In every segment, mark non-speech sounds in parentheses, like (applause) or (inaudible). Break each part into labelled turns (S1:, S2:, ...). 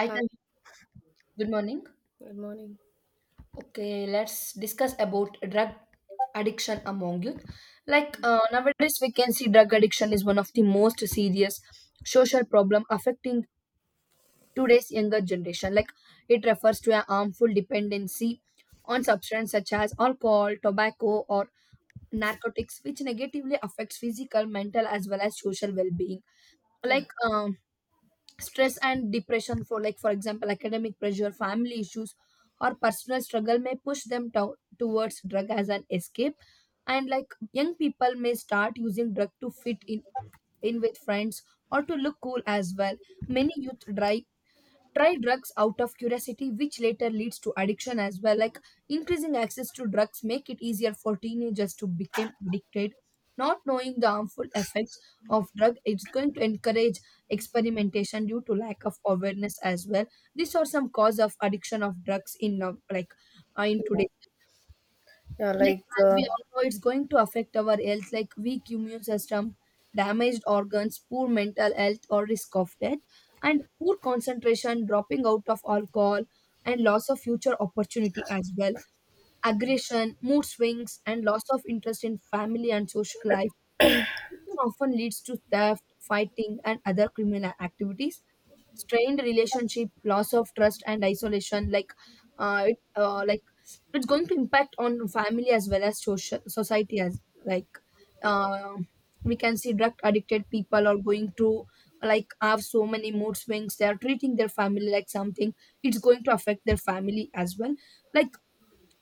S1: Hi,
S2: Hi,
S1: Tan- good morning.
S2: good morning.
S1: Okay, let's discuss about drug addiction among youth. Nowadays, we can see drug addiction is one of the most serious social problem affecting today's younger generation. Like it refers to a harmful dependency on substances such as alcohol, tobacco, or narcotics, which negatively affects physical, mental, as well as social well-being.
S2: Yeah,
S1: Like um, Stress and depression for for example academic pressure, family issues, or personal struggle may push them towards drug as an escape. And like young people may start using drug to fit in with friends or to look cool as well. Many youth try drugs out of curiosity, which later leads to addiction as well. Like increasing access to drugs make it easier for teenagers to become addicted. Not knowing the harmful effects of drug is going to encourage experimentation due to lack of awareness as well. These are some cause of addiction of drugs in in today.
S2: yeah,
S1: Like as we all know, it's going to affect our health, like weak immune system, damaged organs, poor mental health, or risk of death, and poor concentration, dropping out of alcohol, and loss of future opportunity as well, aggression, mood swings, and loss of interest in family and social life. Addiction often leads to theft, fighting, and other criminal activities. Strained relationship, loss of trust, and isolation. Uh, it, uh, like it's going to impact on family as well as social society. As like uh, we can see drug addicted people are going to like have so many mood swings. They are treating their family like something. It's going to affect their family as well. Like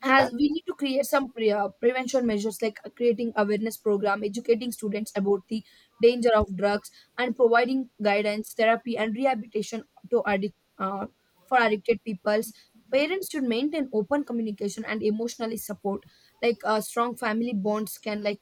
S1: has we need to create some prevention measures, like creating awareness program, educating students about the danger of drugs, and providing guidance, therapy, and rehabilitation to addict for addicted peoples. Parents should maintain open communication and emotionally support. Strong family bonds can like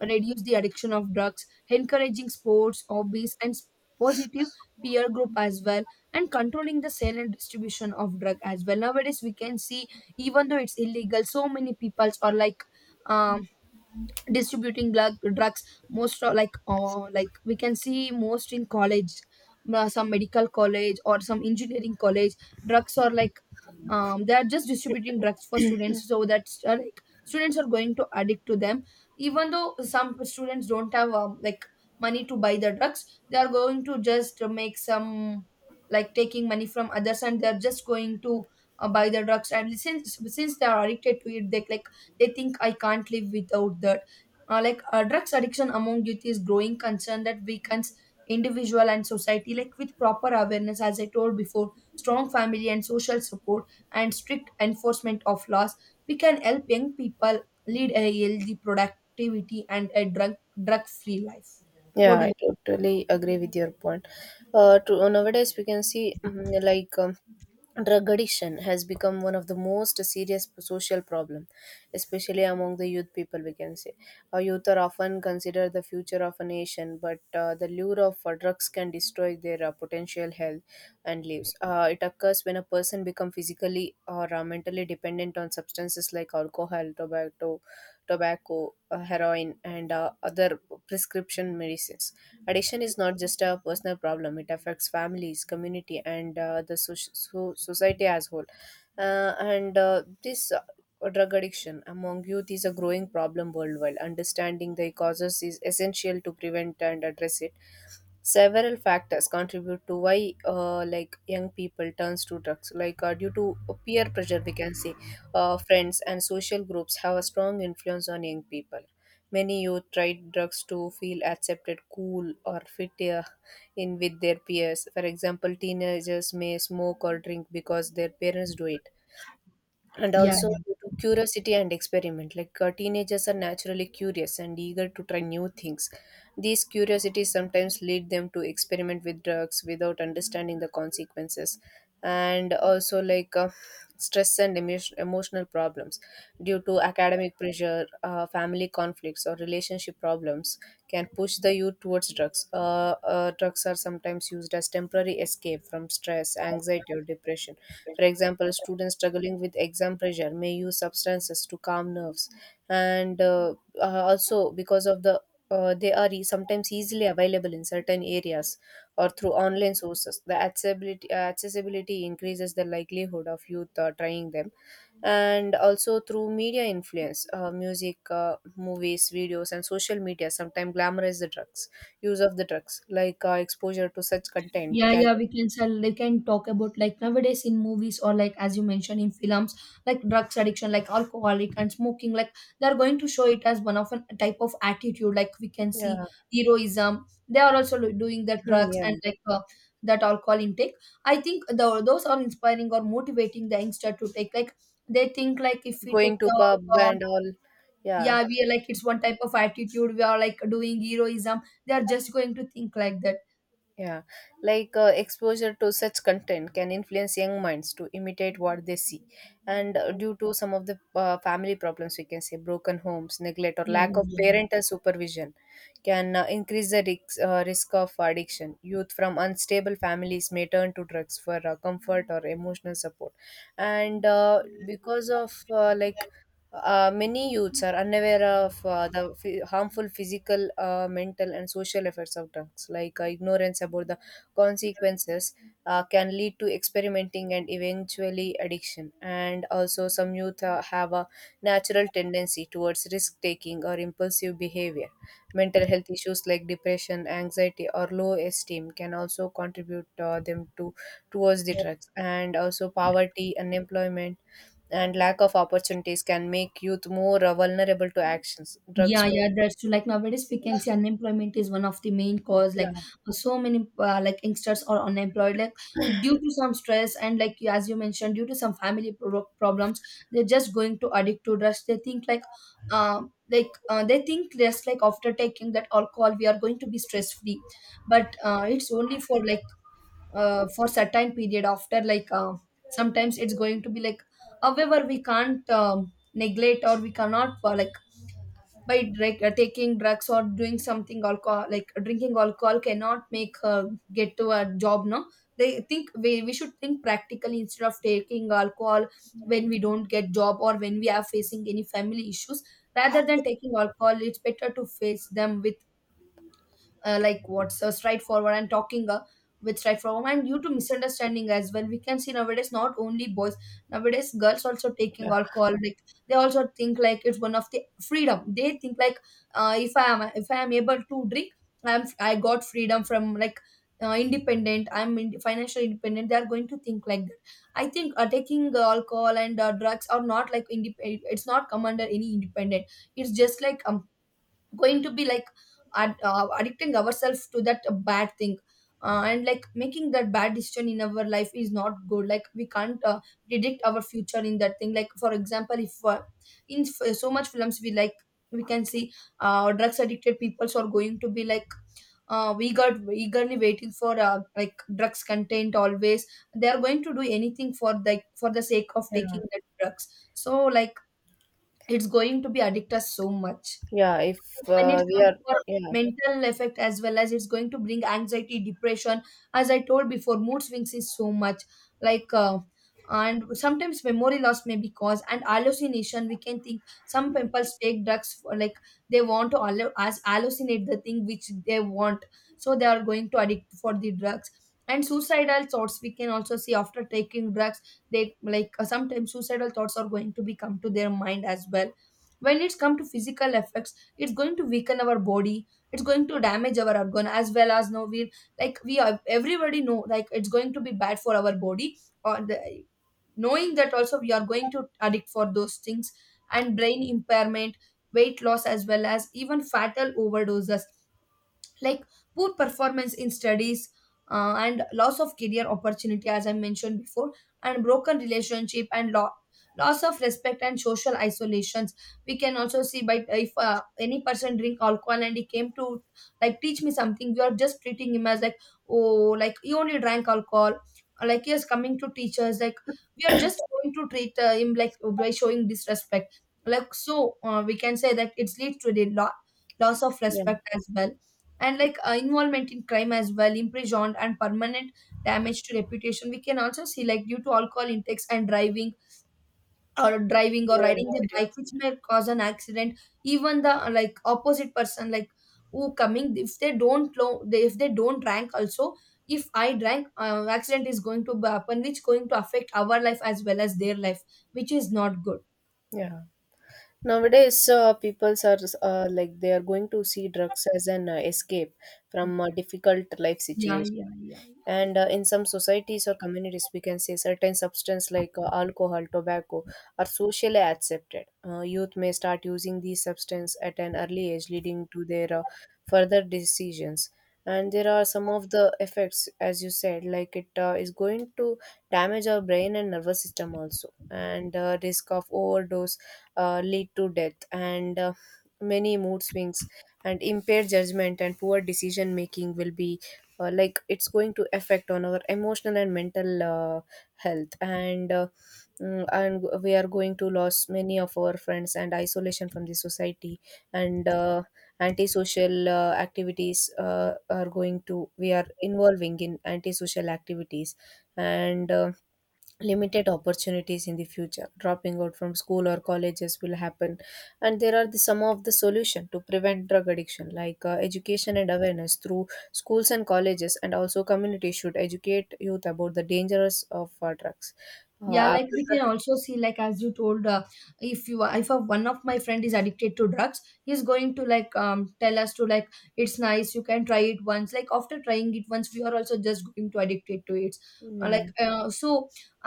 S1: reduce the addiction of drugs, encouraging sports, hobbies, and positive peer group as well, and controlling the sale and distribution of drug as well. Nowadays we can see even though it's illegal, so many peoples are like um distributing drugs. Most of like we can see most in college, some medical college or some engineering college, drugs are like they are just distributing drugs for students, so that like students are going to addict to them. Even though some students don't have like money to buy the drugs, they are going to just make some like taking money from others, and they're just going to buy the drugs. And since they are addicted to it, they like they think I can't live without that. Drugs addiction among youth is growing concern that weakens individual and society. Like with proper awareness, as I told before, strong family and social support, and strict enforcement of laws, we can help young people lead a healthy productivity and a drug free life.
S2: yeah,
S1: What do
S2: I
S1: you…
S2: totally agree with your point. To Nowadays we can see drug addiction has become one of the most serious social problem, especially among the youth people, we can say. Our youth are often considered the future of a nation, but the lure of drugs can destroy their potential, health, and lives. It occurs when a person becomes physically or mentally dependent on substances like alcohol, tobacco, heroin, and other prescription medicines. Addiction is not just a personal problem, it affects families, community, and the society as whole. And this Drug addiction among youth is a growing problem worldwide. Understanding the causes is essential to prevent and address it. Several factors contribute to why like young people turns to drugs. Due to peer pressure, we can say, friends and social groups have a strong influence on young people. Many youth tried drugs to feel accepted, cool, or fit in with their peers. For example, teenagers may smoke or drink because their parents do it, and
S1: Yeah.
S2: also due to curiosity and experiment. Teenagers are naturally curious and eager to try new things. These curiosities sometimes lead them to experiment with drugs without understanding the consequences. And also stress and emotional problems due to academic pressure, family conflicts, or relationship problems can push the youth towards drugs. Drugs are sometimes used as temporary escape from stress, anxiety, or depression. For example, students struggling with exam pressure may use substances to calm nerves. And Also, because of the they are sometimes easily available in certain areas or through online sources. The accessibility increases the likelihood of youth trying them. And also through media influence, music, movies, videos, and social media sometimes glamorize the drugs, use of the drugs. Exposure to such content
S1: Yeah,
S2: can,
S1: yeah, we can sell. They can talk about like nowadays in movies, or like as you mentioned in films, like drugs addiction, like alcoholic and smoking. Like they're going to show it as one of a type of attitude. Like we can see
S2: yeah. (clears throat)
S1: heroism. They are also doing the
S2: Hmm,
S1: drugs
S2: yeah.
S1: and that alcohol intake. I think those are inspiring or motivating the youngster to take. Like they think like if we
S2: Going
S1: took
S2: to
S1: the
S2: pub
S1: alcohol,
S2: and all. Yeah,
S1: yeah, we are like it's one type of attitude. We are like doing heroism. They are just going to think like that.
S2: yeah, exposure to such content can influence young minds to imitate what they see. And due to some of the family problems, we can say broken homes, neglect, or
S1: Yeah.
S2: lack of parental supervision can increase the risk of addiction. Youth from unstable families may turn to drugs for comfort or emotional support. And because of like Many youths are unaware of the harmful physical, mental, and social effects of drugs. Ignorance about the consequences can lead to experimenting and eventually addiction. And also, some youth have a natural tendency towards risk taking or impulsive behavior. Mental health issues like depression, anxiety, or low esteem can also contribute them to towards the drugs. And also poverty, unemployment, and lack of opportunities can make youth more vulnerable to actions. Drugs
S1: Yeah,
S2: may,
S1: yeah, that's true. Like nowadays, we can see unemployment is one of the main cause. Like
S2: yeah.
S1: so many like youngsters are unemployed, like due to some stress and as you mentioned, due to some family problems, they're just going to addict to drugs. They think like, they think just like after taking that alcohol, we are going to be stress free, but it's only for like for certain period. After sometimes it's going to be like, however, we can't neglect or we cannot like by taking drugs or doing something alcohol, like drinking alcohol cannot make her get to a job. No They think we should think practically instead of taking alcohol when we don't get job or when we are facing any family issues. Rather than taking alcohol, it's better to face them with like what's straightforward, and talking with straightforward. And due to misunderstanding as well, we can see nowadays not only boys, nowadays girls also taking alcohol. Like they also think like it's one of the freedom. They think like if I am able to drink, I got freedom from like independent, financially independent. They are going to think like that. I think taking alcohol and drugs are not like it's not come under any independent. It's just like going to be like addicting ourselves to that bad thing. And like making that bad decision in our life is not good. Like we can't predict our future in that thing. Like for example, if so much films we like we can see drugs addicted peoples are going to be like we got eagerly waiting for like drugs content always. They are going to do anything for like for the sake of
S2: Yeah,
S1: taking the drugs, so like it's going to be addict us so much.
S2: yeah. if
S1: When it
S2: We
S1: comes
S2: are,
S1: for
S2: yeah.
S1: mental effect as well, as it's going to bring anxiety, depression, as I told before, mood swings is so much. like uh, and sometimes memory loss may be caused, and hallucination we can think. Some people take drugs for, like they want to hallu- as hallucinate the thing which they want. So they are going to addict for the drugs. And suicidal thoughts we can also see after taking drugs. They sometimes suicidal thoughts are going to be come to their mind as well. When it's come to physical effects, it's going to weaken our body. It's going to damage our organ as well. As now we like we are everybody know like it's going to be bad for our body, or the, knowing that also, we are going to addict for those things, and brain impairment, weight loss as well, as even fatal overdoses, like poor performance in studies, and loss of career opportunity, as I mentioned before, and broken relationship and loss of respect and social isolations. We can also see by, if any person drink alcohol and he came to like teach me something, you are just treating him as like, oh, like he only drank alcohol, or like he is coming to teach us. Like we are just going to treat him like by showing disrespect. Like so we can say that it leads to the loss of
S2: Yeah,
S1: respect as well, and involvement in crime as well, imprisoned and permanent damage to reputation. We can also see like due to alcohol intakes and driving, or driving or
S2: yeah,
S1: riding the bike,
S2: accidents,
S1: which may cause an accident. Even the like opposite person, like who coming, if they if they don't drink also, if I drank, accident is going to be happen, which going to affect our life as well as their life, which is not good.
S2: yeah. Nowadays, people are like they are going to see drugs as an escape from a difficult life
S1: Yeah,
S2: situation.
S1: yeah, yeah,
S2: And in some societies or communities, we can say certain substance like alcohol, tobacco are socially accepted. Youth may start using these substance at an early age, leading to their further decisions. And there are some of the effects, as you said, like it is going to damage our brain and nervous system also, and risk of overdose, lead to death, and many mood swings and impaired judgment and poor decision making will be. Like it's going to affect on our emotional and mental health. And and we are going to lose many of our friends and isolation from the society. And antisocial activities are going to, we are involving in antisocial activities. And limited opportunities in the future, dropping out from school or colleges will happen. And there are the some of the solution to prevent drug addiction, like education and awareness through schools and colleges, and also community should educate youth about the dangers of drugs.
S1: yeah. Like
S2: After
S1: we can also see, like as you told, if you if a one of my friend is addicted to drugs, he's going to tell us to like it's nice, you can try it once. Like after trying it once, we are also just going to addicted to it.
S2: Yeah,
S1: So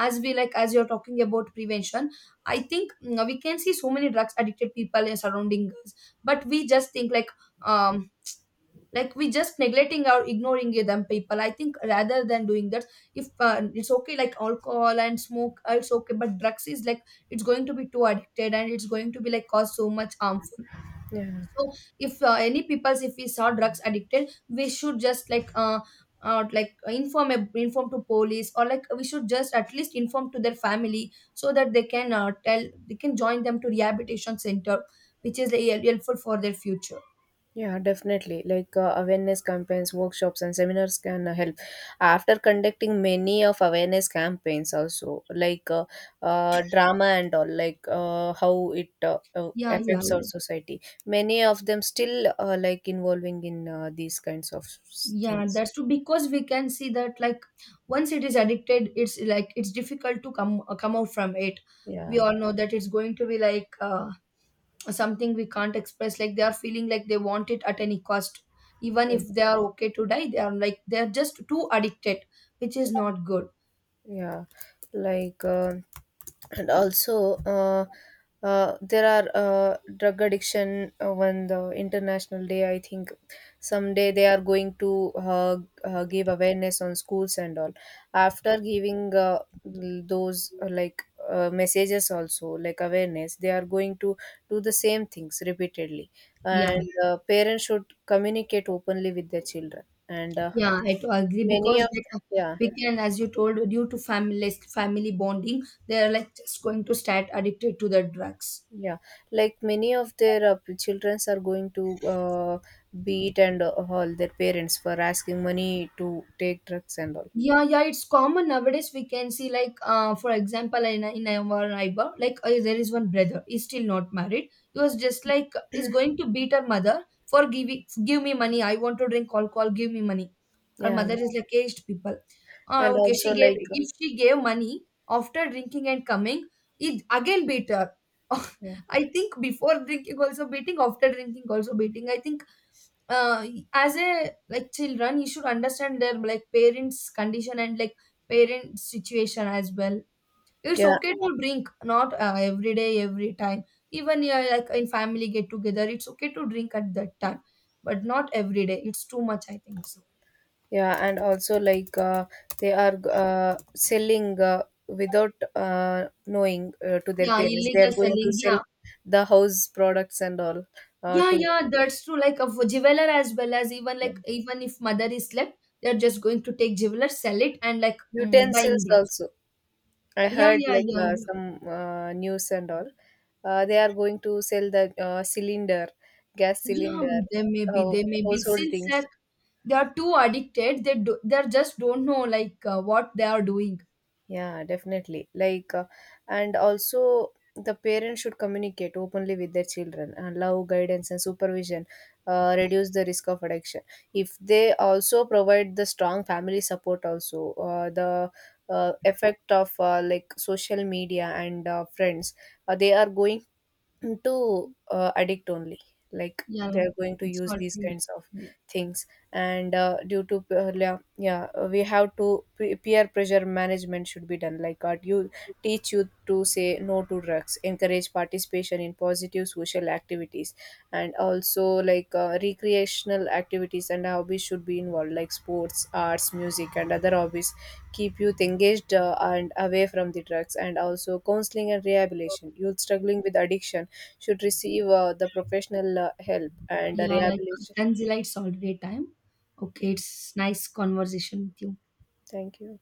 S1: as we like as you're talking about prevention, I think mm, we can see so many drugs addicted people in surrounding us, but we just think um like we just neglecting or ignoring them people. I think rather than doing that, if it's okay like alcohol and smoke, it's okay, but drugs is like it's going to be too addicted, and it's going to be like cause so much harmful.
S2: yeah.
S1: So if any peoples, if we saw drugs addicted, we should just inform, to police, or like we should just at least inform to their family, so that they can tell they can join them to rehabilitation center, which is helpful for their future.
S2: Yeah, definitely. Like awareness campaigns, workshops, and seminars can help. After conducting many of awareness campaigns, also drama and all, like how it
S1: Yeah, yeah.
S2: affects our society, many of them still like involving in these kinds of
S1: Yeah,
S2: things.
S1: that's true, because we can see that like once it is addicted, it's like it's difficult to come out from it. We
S2: Yeah,
S1: all know that it's going to be like something we can't express. Like they are feeling like they want it at any cost, even
S2: yeah,
S1: if they are okay to die. They are like they are just too addicted, which is not good.
S2: yeah. Like. And also There are drug addiction on the international day, I think someday they are going to give awareness on schools and all. After giving those messages, also like awareness, they are going to do the same things repeatedly.
S1: Yeah,
S2: And parents should communicate openly with their children. And
S1: yeah, I to agree,
S2: Many
S1: because
S2: of,
S1: like,
S2: yeah.
S1: we can, as you told, due to family bonding, they are like just going to start addicted to the drugs.
S2: Yeah, like many of their childrens are going to beat and all their parents for asking money to take drugs and all.
S1: Yeah, yeah, it's common nowadays. We can see, like, for example, in our neighbor, like, there is one brother. He's still not married. He was just like, he's going to beat her mother for give me money. I want to drink alcohol. Give me money. Her
S2: Yeah,
S1: mother is like aged people.
S2: and
S1: Okay,
S2: also
S1: she gave. Exactly. If she gave money after drinking and coming, he again beat her.
S2: uh,
S1: (laughs) I think before drinking also beating, after drinking also beating. I think uh, as a like children, you should understand their like parents condition and like parent situation as well. It's
S2: yeah,
S1: okay to drink, not every day, every time. Even yeah, like in family get together, it's okay to drink at that time, but not every day. It's too much, I think so.
S2: yeah, and also like they are selling without knowing to their
S1: Yeah,
S2: parents. They are
S1: illegal
S2: going to
S1: selling,
S2: sell
S1: yeah.
S2: the house products and all
S1: Yeah,
S2: to
S1: yeah, that's true, like a jeweler as well, as even
S2: Yeah.
S1: like even if mother is left, they're just going to take jeweler, sell it and buying
S2: Utensils
S1: drugs.
S2: also. I
S1: Yeah,
S2: heard
S1: yeah,
S2: like
S1: yeah, yeah.
S2: some news and all. They are going to sell the cylinder, gas
S1: Yeah,
S2: cylinder, uh,
S1: they may be.
S2: household
S1: Since
S2: things.
S1: that they are too addicted, they just don't know like what they are doing.
S2: Yeah, definitely. Like, and also the parents should communicate openly with their children, and love, guidance, and supervision reduce the risk of addiction. If they also provide the strong family support, also the effect of like social media and friends, they are going to addict only, like
S1: Yeah,
S2: they're
S1: like
S2: going to
S1: it's
S2: use these
S1: already.
S2: kinds of things. And due to yeah, yeah. We have to pe- peer pressure management should be done, like you teach you to say no to drugs, encourage participation in positive social activities. And also like recreational activities and hobbies should be involved, like sports, arts, music, and other hobbies keep youth engaged and away from the drugs. And also counseling and rehabilitation, youth struggling with addiction should receive the professional help and
S1: Yeah, like
S2: rehabilitation.
S1: Tanzila, it's already time.
S2: Yeah.
S1: Okay, it's nice conversation with you.
S2: Thank you.